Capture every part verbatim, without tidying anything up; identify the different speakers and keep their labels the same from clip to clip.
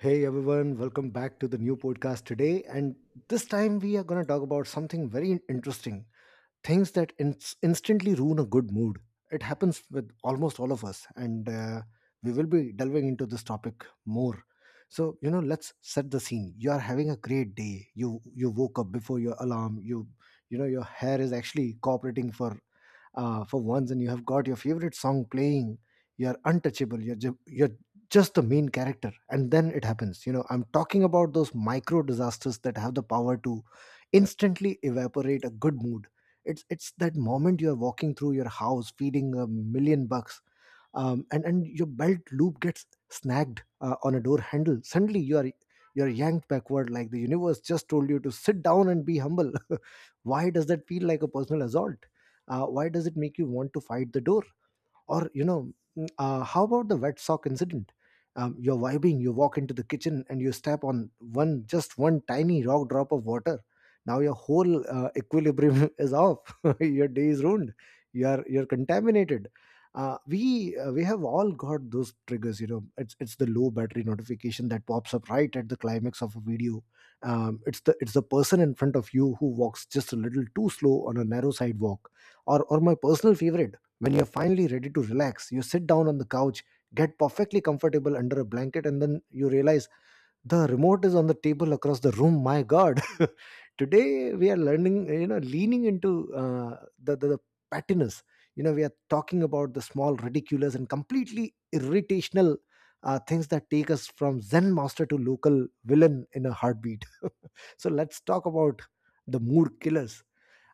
Speaker 1: Hey everyone, welcome back to the new podcast today. And this time we are going to talk about something very in- interesting things that ins instantly ruin a good mood. It happens with almost all of us, and uh, we will be delving into this topic more. So, you know, let's set the scene. You are having a great day. You you woke up before your alarm. You you know your hair is actually cooperating for uh, for once, and you have got your favorite song playing. You are untouchable. You're ju- you're just the main character, and then it happens. You know, I'm talking about those micro disasters that have the power to instantly evaporate a good mood. It's it's that moment you're walking through your house feeding a million bucks, um, and and your belt loop gets snagged uh, on a door handle. Suddenly you are you're yanked backward like the universe just told you to sit down and be humble. Why does that feel like a personal assault? Uh, why does it make you want to fight the door, or, you know, mm, uh, how about the wet sock incident? Um, you're vibing, you walk into the kitchen and you step on one, just one tiny rock drop of water. Now your whole uh, equilibrium is off. Your day is ruined. You're you're contaminated. Uh, we uh, we have all got those triggers. You know, it's it's the low battery notification that pops up right at the climax of a video. Um, it's the it's the person in front of you who walks just a little too slow on a narrow sidewalk, or or my personal favorite, when you're finally ready to relax, you sit down on the couch, get perfectly comfortable under a blanket, and then you realize the remote is on the table across the room. My God. Today, we are learning, you know, leaning into uh, the, the, the pettiness. You know, we are talking about the small, ridiculous, and completely irritational uh, things that take us from Zen master to local villain in a heartbeat. So let's talk about the mood killers.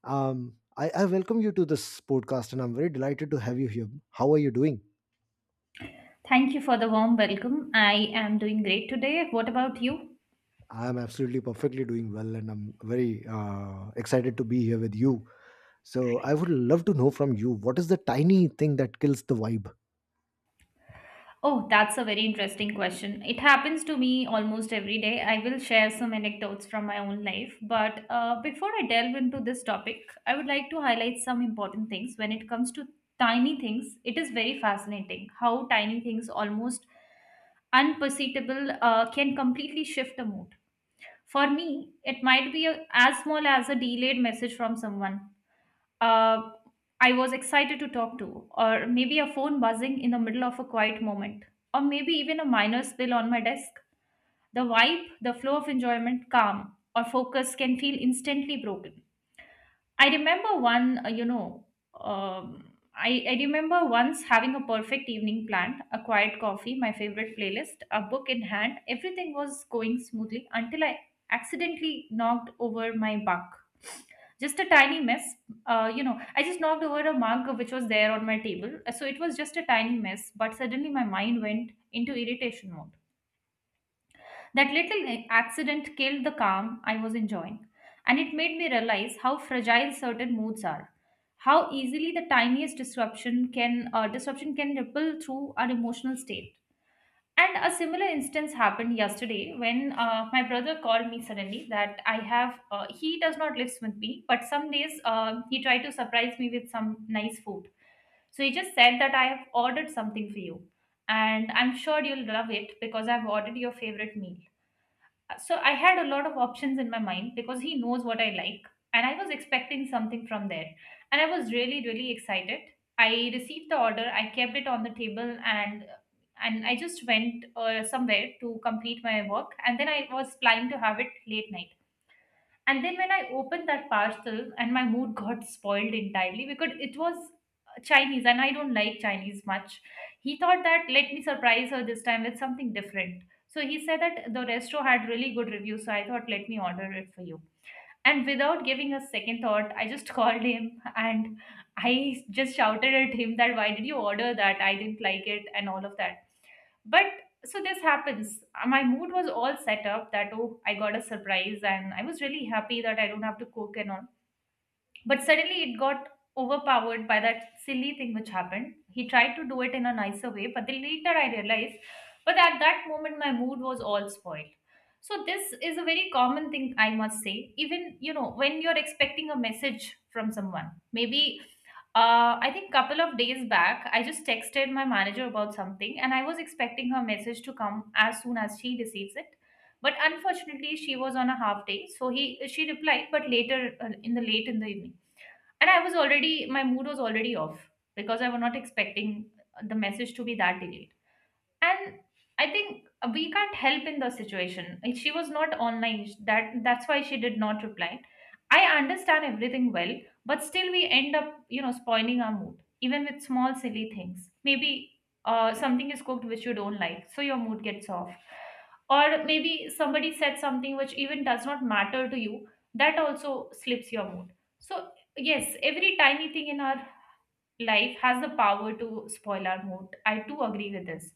Speaker 1: Um, I, I welcome you to this podcast, and I'm very delighted to have you here. How are you doing?
Speaker 2: Thank you for the warm welcome. I am doing great today. What about you?
Speaker 1: I am absolutely perfectly doing well, and I'm very uh, excited to be here with you. So I would love to know from you what is the tiny thing that kills the vibe.
Speaker 2: Oh, that's a very interesting question. It happens to me almost every day. I will share some anecdotes from my own life. But uh, before I delve into this topic, I would like to highlight some important things. When it comes to tiny things, it is very fascinating how tiny things, almost unperceptible, uh, can completely shift a mood. For me, it might be a, as small as a delayed message from someone uh, I was excited to talk to, or maybe a phone buzzing in the middle of a quiet moment, or maybe even a minor spill on my desk. The vibe, the flow of enjoyment, calm, or focus can feel instantly broken. I remember one, uh, you know, um, I, I remember once having a perfect evening planned, a quiet coffee, my favorite playlist, a book in hand. Everything was going smoothly until I accidentally knocked over my bunk, just a tiny mess. Uh, you know, I just knocked over a mug which was there on my table. Uh, so it was just a tiny mess, but suddenly my mind went into irritation mode. That little accident killed the calm I was enjoying, and it made me realize how fragile certain moods are, how easily the tiniest disruption can uh, disruption can ripple through our emotional state. And a similar instance happened yesterday when uh, my brother called me suddenly that I have, uh, he does not live with me, but some days uh, he tried to surprise me with some nice food. So he just said that I have ordered something for you, and I'm sure you'll love it because I've ordered your favorite meal. So I had a lot of options in my mind because he knows what I like, and I was expecting something from there, and I was really really excited. I received the order, I kept it on the table, and and I just went uh, somewhere to complete my work, and then I was planning to have it late night. And then when I opened that parcel, and my mood got spoiled entirely because it was Chinese, and I don't like Chinese much. He thought that let me surprise her this time with something different. So he said that the resto had really good reviews, so I thought let me order it for you. And without giving a second thought, I just called him, and I just shouted at him that why did you order that? I didn't like it and all of that. But so this happens. Uh, My mood was all set up that oh, I got a surprise and I was really happy that I don't have to cook and all. But suddenly it got overpowered by that silly thing which happened. He tried to do it in a nicer way, but then later I realized, but at that moment my mood was all spoiled. So this is a very common thing I must say. Even you know when you're expecting a message from someone, maybe uh, I think couple of days back I just texted my manager about something, and I was expecting her message to come as soon as she receives it. But unfortunately, she was on a half day, so he she replied, but later uh, in the late in the evening. And I was already, my mood was already off because I was not expecting the message to be that delayed. And I think we can't help in the situation, she was not online, that that's why she did not reply. I understand everything well, but still we end up you know spoiling our mood even with small silly things. Maybe uh, something is cooked which you don't like, so your mood gets off. Or maybe somebody said something which even does not matter to you, that also slips your mood. So yes, every tiny thing in our life has the power to spoil our mood, I too agree with this.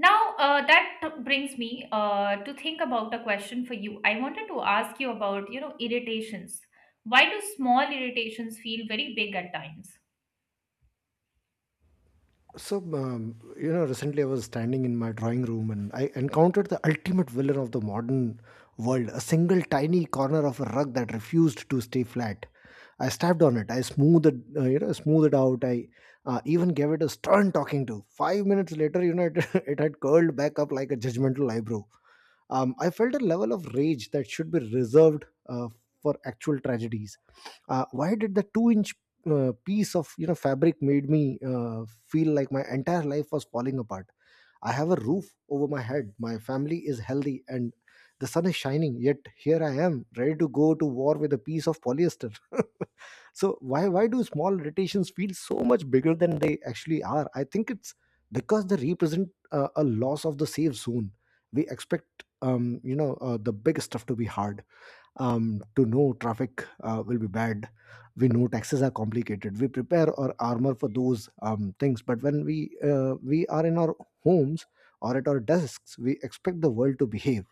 Speaker 2: Now, uh, that t- brings me uh, to think about a question for you. I wanted to ask you about, you know, irritations. Why do small irritations feel very big at times?
Speaker 1: So um, you know, recently I was standing in my drawing room, and I encountered the ultimate villain of the modern world—a single tiny corner of a rug that refused to stay flat. I stepped on it. I smoothed it, uh, you know, smoothed it out. I uh, even gave it a stern talking to. Five minutes later, you know, it, it had curled back up like a judgmental eyebrow. Um, I felt a level of rage that should be reserved uh, for actual tragedies. Uh, why did the two-inch uh, piece of, you know, fabric made me uh, feel like my entire life was falling apart? I have a roof over my head. My family is healthy and the sun is shining. Yet here I am, ready to go to war with a piece of polyester. So why why do small irritations feel so much bigger than they actually are? I think it's because they represent uh, a loss of the safe zone. We expect, um, you know, uh, the big stuff to be hard, um, to know traffic uh, will be bad. We know taxes are complicated. We prepare or armor for those um, things. But when we uh, we are in our homes or at our desks, we expect the world to behave.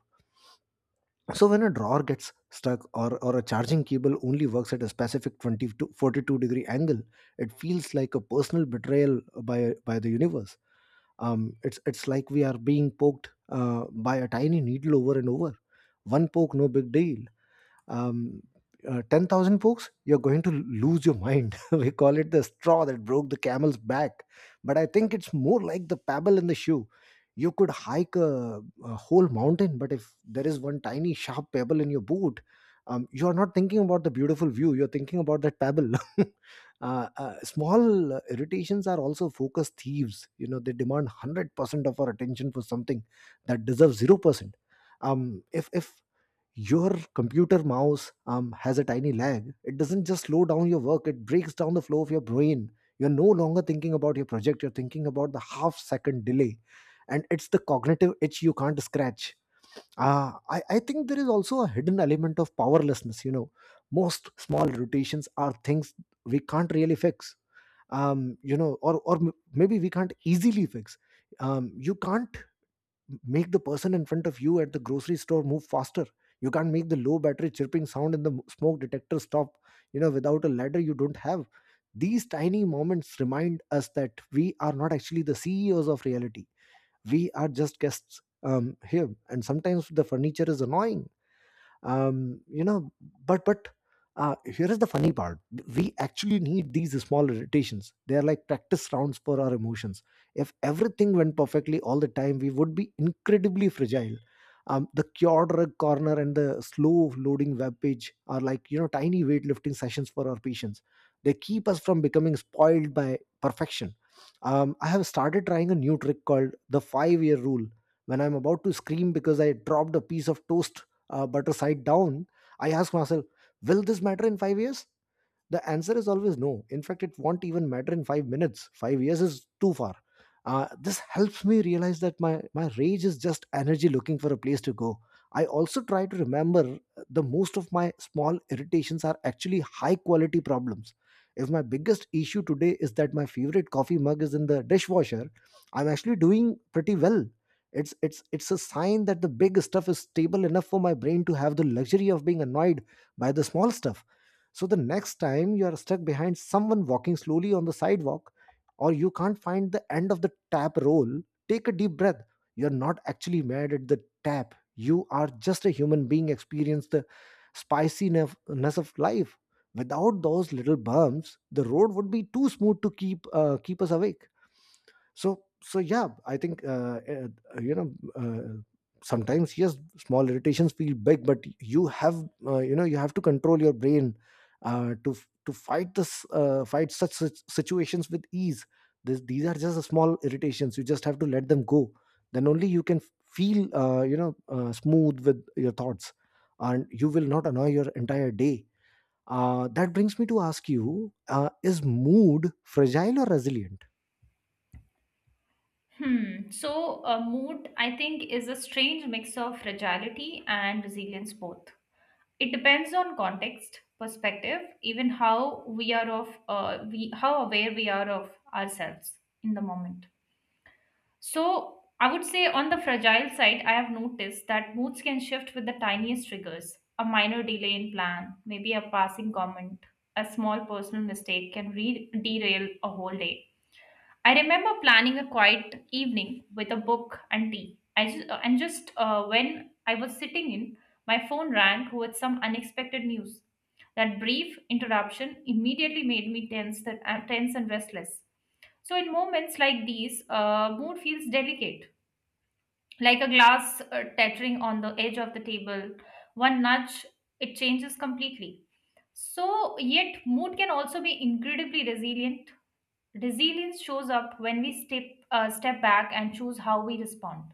Speaker 1: So when a drawer gets stuck, or, or a charging cable only works at a specific twenty to forty-two degree angle, it feels like a personal betrayal by by the universe. Um, it's it's like we are being poked uh, by a tiny needle over and over. One poke, no big deal. um, uh, ten thousand books, you're going to lose your mind. We call it the straw that broke the camel's back. But I think it's more like the pebble in the shoe. You could hike a, a whole mountain, but if there is one tiny sharp pebble in your boot, um, you are not thinking about the beautiful view, you're thinking about that pebble. Uh, uh, small uh, irritations are also focus thieves. You know, they demand one hundred percent of our attention for something that deserves zero percent. Um, if, if your computer mouse um, has a tiny lag. It doesn't just slow down your work, it breaks down the flow of your brain. You're no longer thinking about your project, you're thinking about the half second delay. And it's the cognitive itch you can't scratch. Uh, I, I think there is also a hidden element of powerlessness. You know, most small rotations are things we can't really fix. Um, you know, or or m- maybe we can't easily fix. Um, you can't make the person in front of you at the grocery store move faster. You can't make the low battery chirping sound in the m- smoke detector stop, you know, without a ladder you don't have. These tiny moments remind us that we are not actually the ceos of reality. We are just guests, um, here, and sometimes the furniture is annoying. Um, you know but but uh, Here is the funny part: we actually need these small irritations. They are like practice rounds for our emotions. If everything went perfectly all the time, we would be incredibly fragile. Um, the cure drug corner and the slow loading web page are, like, you know, tiny weightlifting sessions for our patients. They keep us from becoming spoiled by perfection. um, I have started trying a new trick called the five year rule. When I'm about to scream because I dropped a piece of toast, uh, but to side down, I ask myself, will this matter in five years? The answer is always no. In fact, it won't even matter in five minutes. five years is too far. Uh, this helps me realize that my my rage is just energy looking for a place to go. I also try to remember the most of my small irritations are actually high quality problems. If my biggest issue today is that my favorite coffee mug is in the dishwasher, I'm actually doing pretty well. It's it's it's a sign that the big stuff is stable enough for my brain to have the luxury of being annoyed by the small stuff. So the next time you are stuck behind someone walking slowly on the sidewalk, or you can't find the end of the tap roll, take a deep breath. You're not actually mad at the tap. You are just a human being experience the spiciness of life. Without those little bumps, the road would be too smooth to keep uh, keep us awake. So so yeah, I think, uh, eh, uh, you know uh, sometimes yes small irritations feel big but you have, uh, you know, you have to control your brain uh, to f- to fight this uh, fight such sit- situations with ease. This, these are just the small irritations. You just have to let them go. Then only you can feel, uh, you know, uh, smooth with your thoughts, and you will not annoy your entire day. Uh, that brings me to ask you, uh, is mood fragile or resilient?
Speaker 2: Hmm. So, uh, mood, I think, is a strange mix of fragility and resilience both. It depends on context, perspective, even how we are of, uh, we how aware we are of ourselves in the moment. So, I would say on the fragile side, I have noticed that moods can shift with the tiniest triggers. A minor delay in plan, maybe a passing comment, a small personal mistake can re- derail a whole day. I remember planning a quiet evening with a book and tea. I just, and just uh, When I was sitting in, my phone rang with some unexpected news. That brief interruption immediately made me tense, that, uh, tense and restless. So, in moments like these, uh, mood feels delicate, like a glass uh, tettering on the edge of the table. One nudge, it changes completely. So yet mood can also be incredibly resilient. Resilience shows up when we step uh, step back and choose how we respond.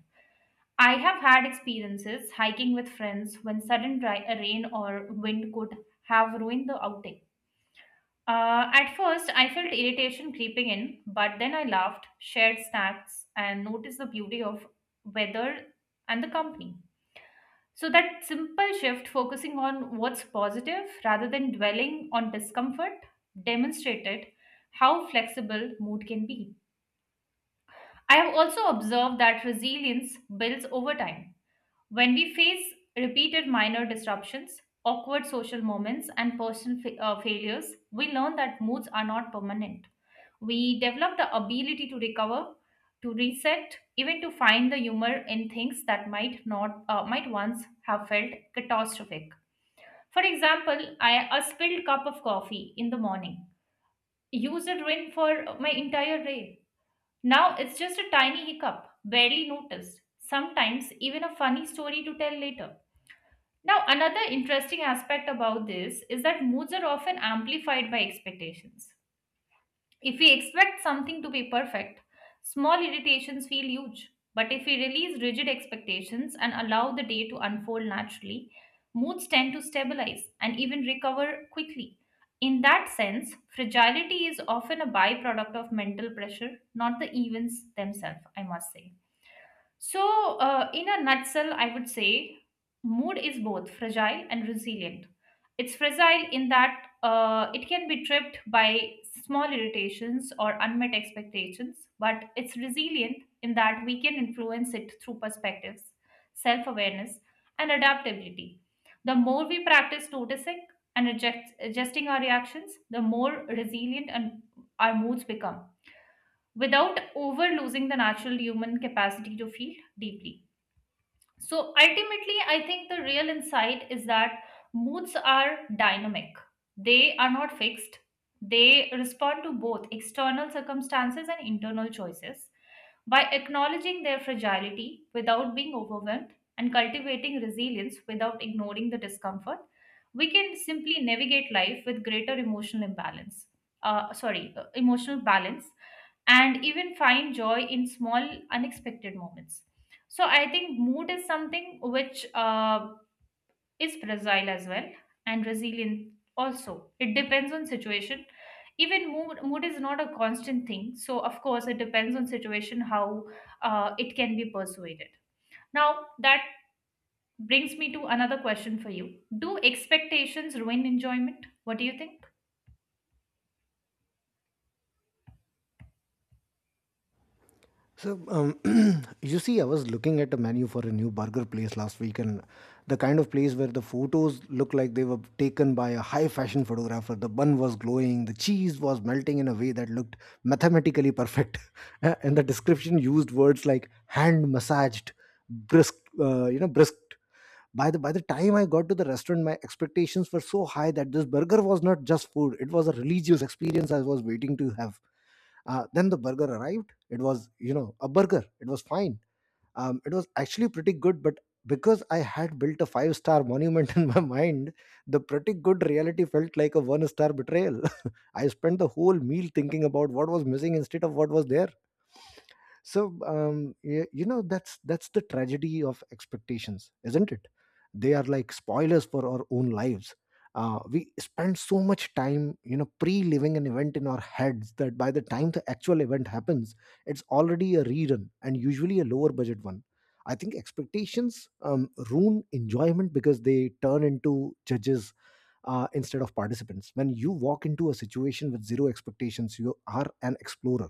Speaker 2: I have had experiences hiking with friends when sudden dry, uh, rain or wind could have ruined the outing. Uh, at first, I felt irritation creeping in, but then I laughed, shared snacks, and noticed the beauty of weather and the company. So, that simple shift, focusing on what's positive rather than dwelling on discomfort, demonstrated how flexible mood can be. I have also observed that resilience builds over time. When we face repeated minor disruptions, awkward social moments, and personal fa- uh, failures, we learn that moods are not permanent. We develop the ability to recover, to reset, even to find the humor in things that might not uh, might once have felt catastrophic. For example, I a spilled cup of coffee in the morning used a ruin for my entire day. Now it's just a tiny hiccup, barely noticed. Sometimes even a funny story to tell later. Now, another interesting aspect about this is that moods are often amplified by expectations. If we expect something to be perfect, small irritations feel huge. But if we release rigid expectations and allow the day to unfold naturally, moods tend to stabilize and even recover quickly. In that sense, fragility is often a byproduct of mental pressure, not the events themselves, I must say. So, uh, in a nutshell, I would say mood is both fragile and resilient. It's fragile in that uh, it can be tripped by small irritations or unmet expectations, but it's resilient in that we can influence it through perspectives, self awareness, and adaptability. The more we practice noticing and adjust, adjusting our reactions, the more resilient and our moods become without over losing the natural human capacity to feel deeply. So ultimately, I think the real insight is that moods are dynamic. They are not fixed. They respond to both external circumstances and internal choices. By acknowledging their fragility without being overwhelmed and cultivating resilience without ignoring the discomfort, we can simply navigate life with greater emotional imbalance. Uh, sorry, uh, emotional balance, and even find joy in small, unexpected moments. So I think mood is something which uh, is fragile as well and resilient also. It depends on situation. Even mood, mood is not a constant thing. So of course it depends on situation how uh, it can be persuaded. Now that brings me to another question for you. Do expectations ruin enjoyment? What do you think?
Speaker 1: So, um, you see, I was looking at a menu for a new burger place last week, and the kind of place where the photos look like they were taken by a high fashion photographer. The bun was glowing, the cheese was melting in a way that looked mathematically perfect, and the description used words like hand massaged, brisk, uh, you know, brisked. By the by the time I got to the restaurant, my expectations were so high that this burger was not just food; it was a religious experience I was waiting to have. Uh, then the burger arrived. It was, you know, a burger. It was fine. Um, it was actually pretty good, but because I had built a five star monument in my mind, the pretty good reality felt like a one star betrayal. I spent the whole meal thinking about what was missing instead of what was there. So um, y- you know that's that's the tragedy of expectations, isn't it? They are like spoilers for our own lives. Uh, we spend so much time, you know pre-living an event in our heads, that by the time the actual event happens, it's already a rerun, and usually a lower budget one. I think expectations um, ruin enjoyment because they turn into judges uh, instead of participants. When you walk into a situation with zero expectations, you are an explorer.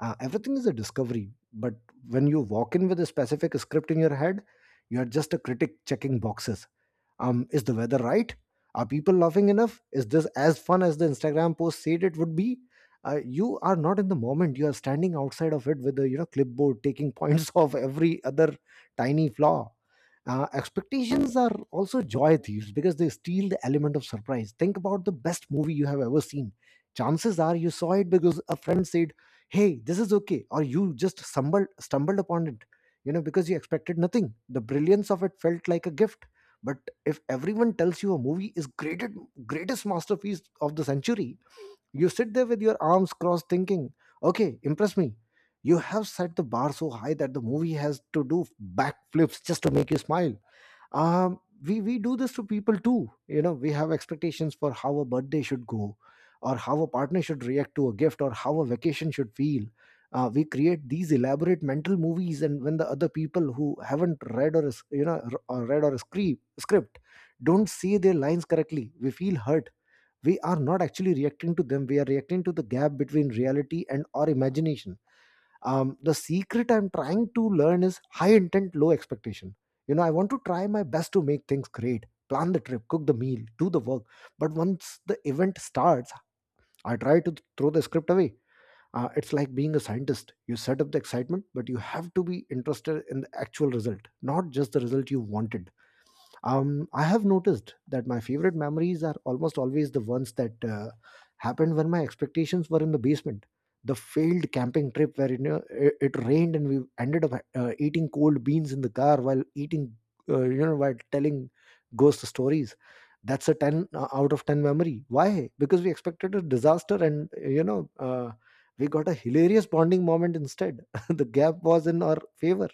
Speaker 1: uh, Everything is a discovery. But when you walk in with a specific script in your head, you are just a critic checking boxes. Um, is the weather right? Are people laughing enough? Is this as fun as the Instagram post said it would be? Uh, you are not in the moment. You are standing outside of it with a, you know clipboard, taking points of every other tiny flaw. Uh, expectations are also joy thieves because they steal the element of surprise. Think about the best movie you have ever seen. Chances are you saw it because a friend said, "Hey, this is okay," or you just stumbled stumbled upon it. You know, because you expected nothing. The brilliance of it felt like a gift. But if everyone tells you a movie is greatest greatest masterpiece of the century, you sit there with your arms crossed thinking, okay, impress me. You have set the bar so high that the movie has to do backflips just to make you smile. Um we we do this to people too. You know, we have expectations for how a birthday should go, or how a partner should react to a gift, or how a vacation should feel. Uh, we create these elaborate mental movies, and when the other people, who haven't read or is- you know r- or read or script script don't say their lines correctly, we feel hurt. We are not actually reacting to them. We are reacting to the gap between reality and our imagination. Um, the secret I'm trying to learn is high intent, low expectation. You know, I want to try my best to make things great, plan the trip, cook the meal, do the work. But once the event starts, I try to throw the script away. Uh, it's like being a scientist. You set up the excitement, but you have to be interested in the actual result, not just the result you wanted. um, I have noticed that my favorite memories are almost always the ones that uh, happened when my expectations were in the basement. The failed camping trip where, you know, it, it rained and we ended up uh, eating cold beans in the car while eating, uh, you know, while telling ghost stories. That's a ten uh, out of ten memory. Why? Because we expected a disaster, and, you know, uh, we got a hilarious bonding moment instead. The gap was in our favor.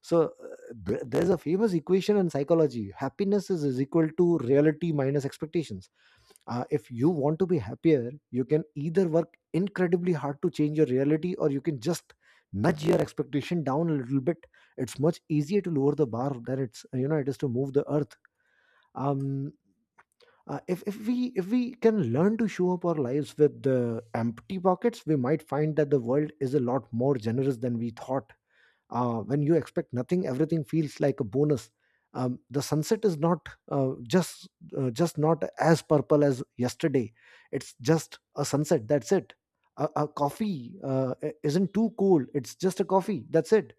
Speaker 1: so uh, th- there's a famous equation in psychology. Happiness is, is equal to reality minus expectations. Uh, if you want to be happier, you can either work incredibly hard to change your reality, or you can just nudge your expectation down a little bit. It's much easier to lower the bar than it's you know it is to move the earth. Um, uh, if, if we if we can learn to show up our lives with the empty pockets, we might find that the world is a lot more generous than we thought. Uh, when you expect nothing, everything feels like a bonus. Um, the sunset is not uh, just uh, just not as purple as yesterday. It's just a sunset, that's it. A, a coffee uh, i- isn't too cold. It's just a coffee, that's it.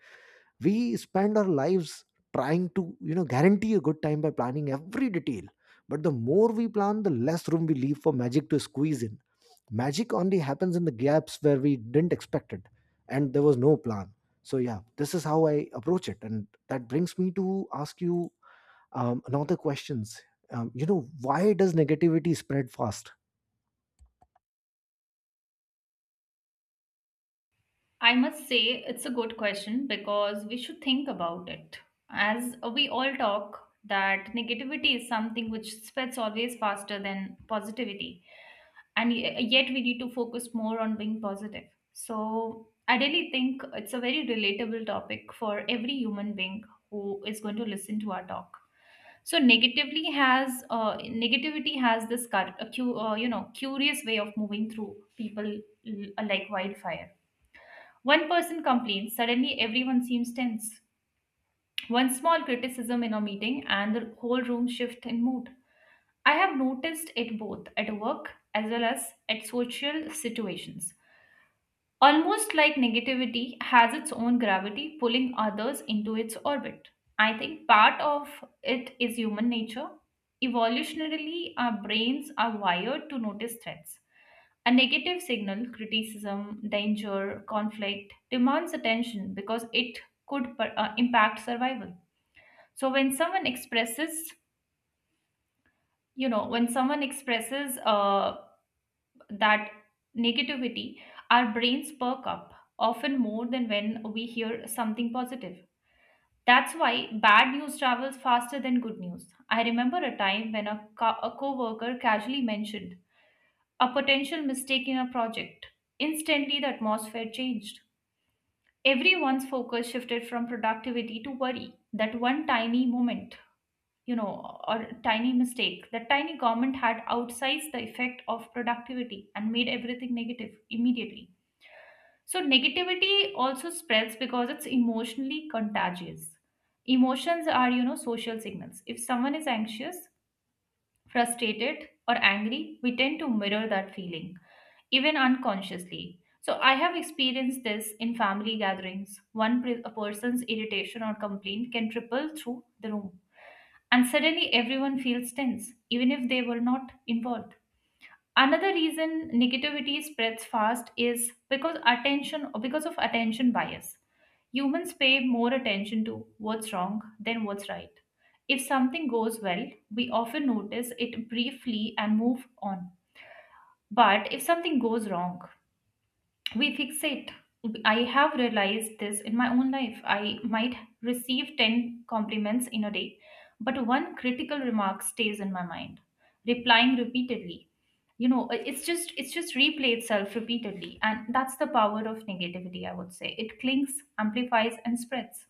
Speaker 1: We spend our lives trying to, you know guarantee a good time by planning every detail. But the more we plan, the less room we leave for magic to squeeze in. Magic only happens in the gaps where we didn't expect it, and there was no plan. So yeah, this is how I approach it, and that brings me to ask you um, another questions. Um, you know, why does negativity spread fast?
Speaker 2: I must say it's a good question because we should think about it. As we all talk, that negativity is something which spreads always faster than positivity, and y- yet we need to focus more on being positive. So, I really think it's a very relatable topic for every human being who is going to listen to our talk. So, negatively has uh, negativity has this cur- uh, cu- uh, you know curious way of moving through people, l- like wildfire. One person complains, suddenly everyone seems tense. One small criticism in a meeting, and the whole room shifts in mood. I have noticed it both at work as well as at social situations. Almost like negativity has its own gravity, pulling others into its orbit. I think part of it is human nature. Evolutionarily, our brains are wired to notice threats. A negative signal, criticism, danger, conflict, demands attention because it could per- uh, impact survival. So when someone expresses, you know, when someone expresses uh, that negativity, our brains perk up, often more than when we hear something positive. That's why bad news travels faster than good news. I remember a time when a, co- a coworker casually mentioned a potential mistake in a project. Instantly, the atmosphere changed. Everyone's focus shifted from productivity to worry. That one tiny moment, you know or tiny mistake, that tiny comment had outsized the effect of productivity and made everything negative immediately. So negativity also spreads because it's emotionally contagious. Emotions are, you know social signals. If someone is anxious, frustrated, or angry, we tend to mirror that feeling, even unconsciously. So, I have experienced this in family gatherings. One pre- a person's irritation or complaint can ripple through the room, and suddenly everyone feels tense, even if they were not involved. Another reason negativity spreads fast is because attention because of attention bias. Humans pay more attention to what's wrong than what's right. If something goes well, we often notice it briefly and move on. But if something goes wrong, we fixate. I have realized this in my own life. I might receive ten compliments in a day, but one critical remark stays in my mind, replying repeatedly. You know uh, it's just it's just replay itself repeatedly, and that's the power of negativity, I would say. It clings, amplifies, and spreads.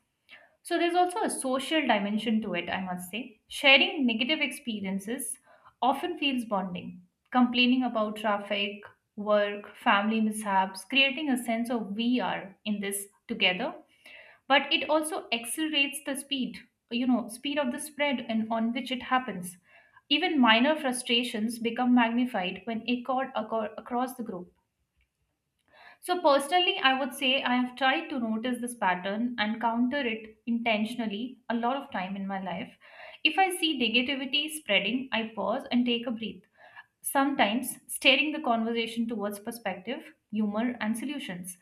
Speaker 2: So there's also a social dimension to it, I must say. Sharing negative experiences often feels bonding. Complaining about traffic, work, family mishaps, creating a sense of we are in this together. But it also accelerates the speed, you know, speed of the spread and on which it happens. Even minor frustrations become magnified when echoed acro- across the group. So, personally, I would say I have tried to notice this pattern and counter it intentionally a lot of time in my life. If I see negativity spreading, I pause and take a breath. Sometimes, steering the conversation towards perspective, humor, and solutions.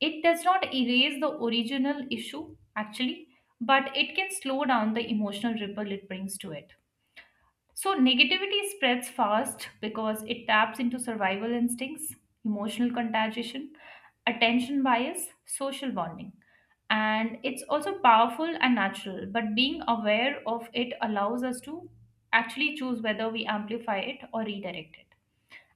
Speaker 2: It does not erase the original issue, actually, but it can slow down the emotional ripple it brings to it. So, negativity spreads fast because it taps into survival instincts, emotional contagion, attention bias, social bonding. And it's also powerful and natural, but being aware of it allows us to actually choose whether we amplify it or redirect it.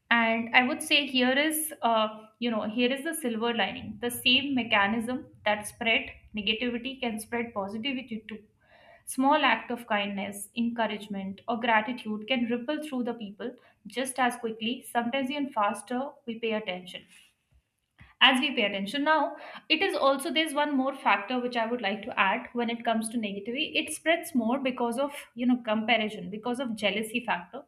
Speaker 2: And I would say here is, uh, you know, here is the silver lining. The same mechanism that spread negativity can spread positivity too. Small act of kindness, encouragement, or gratitude can ripple through the people just as quickly, sometimes even faster, we pay attention as we pay attention now. It is also, there's one more factor which I would like to add. When it comes to negativity, it spreads more because of, you know comparison, because of jealousy factor.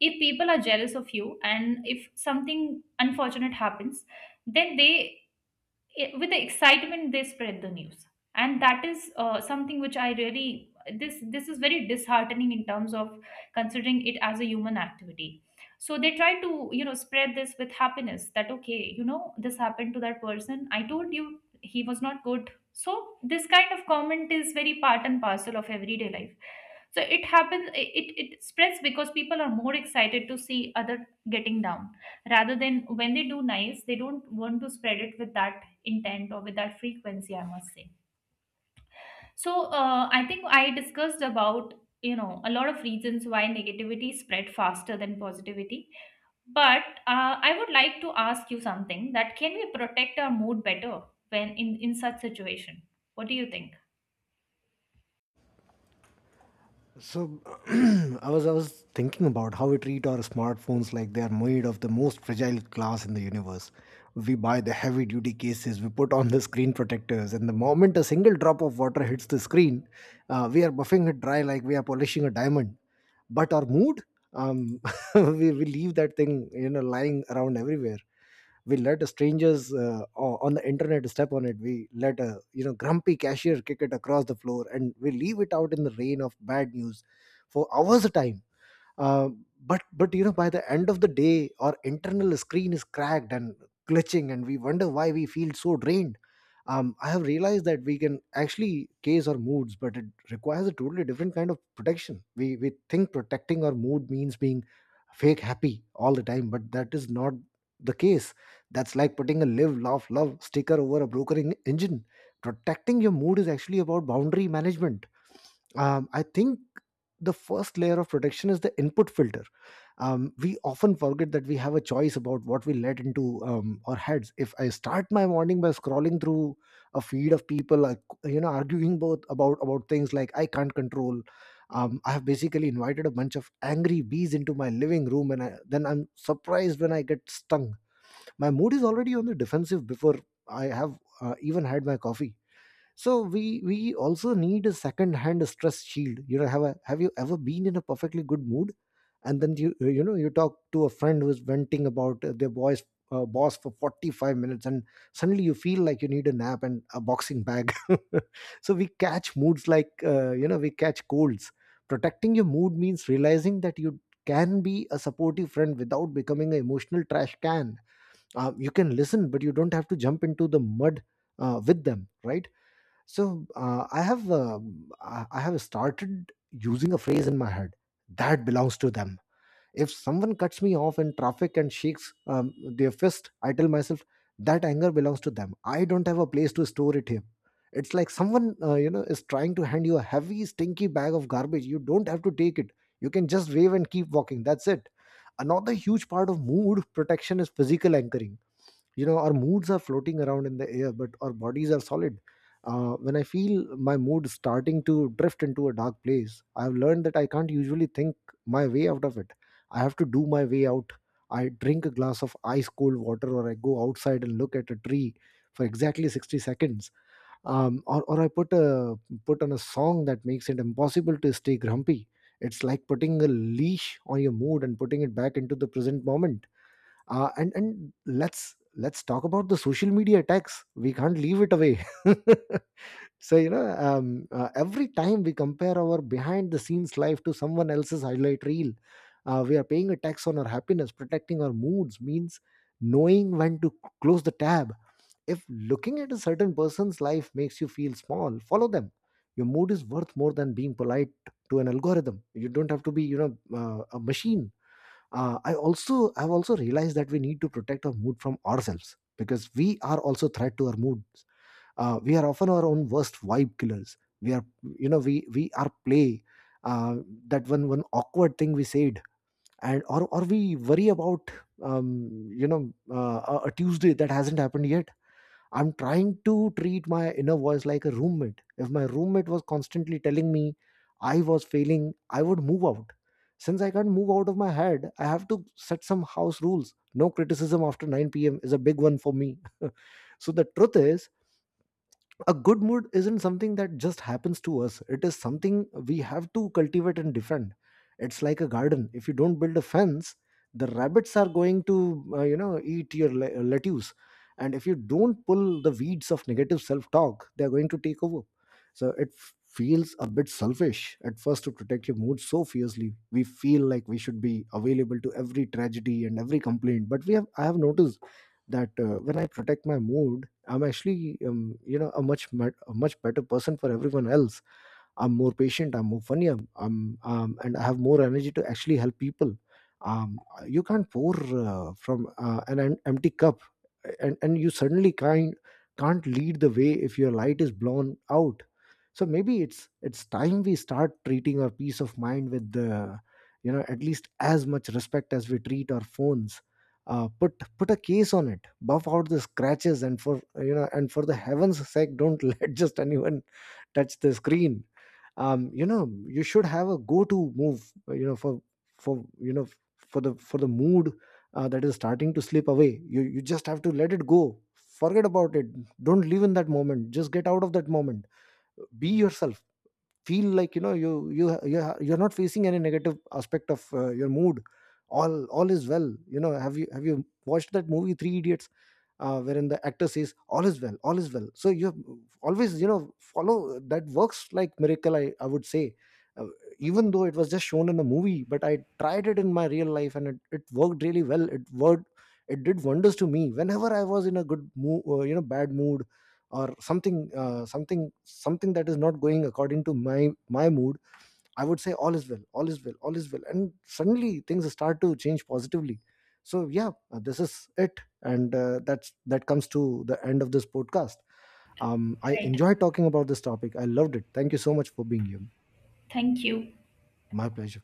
Speaker 2: If people are jealous of you and if something unfortunate happens, then they it, with the excitement they spread the news. And that is, uh, something which I really, this this is very disheartening in terms of considering it as a human activity. So they try to, you know spread this with happiness that okay, you know this happened to that person, I told you he was not good. So this kind of comment is very part and parcel of everyday life. So it happens, it, it spreads because people are more excited to see other getting down rather than when they do nice. They don't want to spread it with that intent or with that frequency, I must say. So uh, I think I discussed about, you know a lot of reasons why negativity spread faster than positivity. But uh, I would like to ask you something. That can we protect our mood better when in in such situation? What do you think?
Speaker 1: So i was i was thinking about how we treat our smartphones like they are made of the most fragile glass in the universe. We buy the heavy duty cases, we put on the screen protectors, and the moment a single drop of water hits the screen, uh, we are buffing it dry like we are polishing a diamond. But our mood, um, we, we leave that thing, you know, lying around everywhere. We let strangers uh, o- on the internet step on it. We let a, you know, grumpy cashier kick it across the floor, and we leave it out in the rain of bad news for hours a time. Uh, but but you know, by the end of the day, our internal screen is cracked and glitching, and we wonder why we feel so drained. um, I have realized that we can actually case our moods, but it requires a totally different kind of protection. We we think protecting our mood means being fake happy all the time, but that is not the case. That's like putting a live laugh love sticker over a broken en- engine. Protecting your mood is actually about boundary management. um, I think the first layer of protection is the input filter. Um, we often forget that we have a choice about what we let into um, our heads. If I start my morning by scrolling through a feed of people, like, you know, arguing both about about things like I can't control, um, I have basically invited a bunch of angry bees into my living room, and I, then I'm surprised when I get stung. My mood is already on the defensive before I have uh, even had my coffee. So we we also need a second hand stress shield. You know, have a, have you ever been in a perfectly good mood, and then you, uh, you know you talk to a friend who's venting about uh, their boys uh, boss for forty-five minutes, and suddenly you feel like you need a nap and a boxing bag? So we catch moods like, uh, you know we catch colds. Protecting your mood means realizing that you can be a supportive friend without becoming an emotional trash can. Uh, you can listen, but you don't have to jump into the mud uh, with them, right? So uh, I have, um, I I have started using a phrase in my head, that belongs to them. If someone cuts me off in traffic and shakes um, their fist, I tell myself that anger belongs to them. I don't have a place to store it here. It's like someone uh, you know is trying to hand you a heavy, stinky bag of garbage. You don't have to take it. You can just wave and keep walking. That's it. Another huge part of mood protection is physical anchoring. You know, our moods are floating around in the air, but our bodies are solid. Uh, when I feel my mood starting to drift into a dark place, I've learned that I can't usually think my way out of it. I have to do my way out. I drink a glass of ice cold water, or I go outside and look at a tree for exactly sixty seconds. Um, or, or i put a put on a song that makes it impossible to stay grumpy. It's like putting a leash on your mood and putting it back into the present moment. Uh, and and let's let's talk about the social media attacks. We can't leave it away. So you know, um, uh, every time we compare our behind the scenes life to someone else's highlight reel, uh, we are paying a tax on our happiness. Protecting our moods means knowing when to close the tab. If looking at a certain person's life makes you feel small, follow them. Your mood is worth more than being polite to an algorithm. You don't have to be, you know uh, a machine. Uh, i also i've also realized that we need to protect our mood from ourselves, because we are also threat to our moods. Uh, we are often our own worst vibe killers. We are you know we we are play uh, that one one awkward thing we said, and or or we worry about, um, you know uh, a a tuesday that hasn't happened yet. I'm trying to treat my inner voice like a roommate. If my roommate was constantly telling me I was failing, I would move out. Since I can't move out of my head, I have to set some house rules. No criticism after nine p m is a big one for me. So the truth is, a good mood isn't something that just happens to us. It is something we have to cultivate and defend. It's like a garden. If you don't build a fence, the rabbits are going to, uh, you know eat your le- uh, lettuce. And if you don't pull the weeds of negative self talk, they are going to take over. So it f- feels a bit selfish at first to protect your mood so fiercely. We feel like we should be available to every tragedy and every complaint. But we have I have noticed that uh, when I protect my mood, I'm actually, um, you know, a much mat- a much better person for everyone else. I'm more patient. I'm more funny. I'm, I'm um, and I have more energy to actually help people. Um, you can't pour uh, from uh, an em- empty cup, and and you suddenly can't can't lead the way if your light is blown out. So maybe it's it's time we start treating our peace of mind with, the you know at least as much respect as we treat our phones. Uh, put put a case on it, buff out the scratches, and, for you know and for the heavens sake, don't let just anyone touch the screen. Um you know, you should have a go to move, you know for for you know for the for the mood uh, that is starting to slip away. you you just have to let it go. Forget about it. Don't live in that moment, just get out of that moment. Be yourself. Feel like, you know, you you you're, you're not facing any negative aspect of uh, your mood. all all is well. You know, have you have you watched that movie, three idiots? Uh, wherein the actor says, all is well, all is well. So you have always, you know, follow that. Works like miracle, i, I would say. uh, Even though it was just shown in a movie, but I tried it in my real life, and it, it worked really well. It worked. It did wonders to me. Whenever I was in a good mood, uh, you know bad mood, or something, uh, something something that is not going according to my my mood, I would say, all is well, all is well, all is well. And suddenly things start to change positively. So yeah, uh, this is it, and uh, that's that comes to the end of this podcast. Um, I
Speaker 2: Right.
Speaker 1: enjoyed talking about this topic. I loved it. Thank you so much for being here.
Speaker 2: Thank you.
Speaker 1: My pleasure.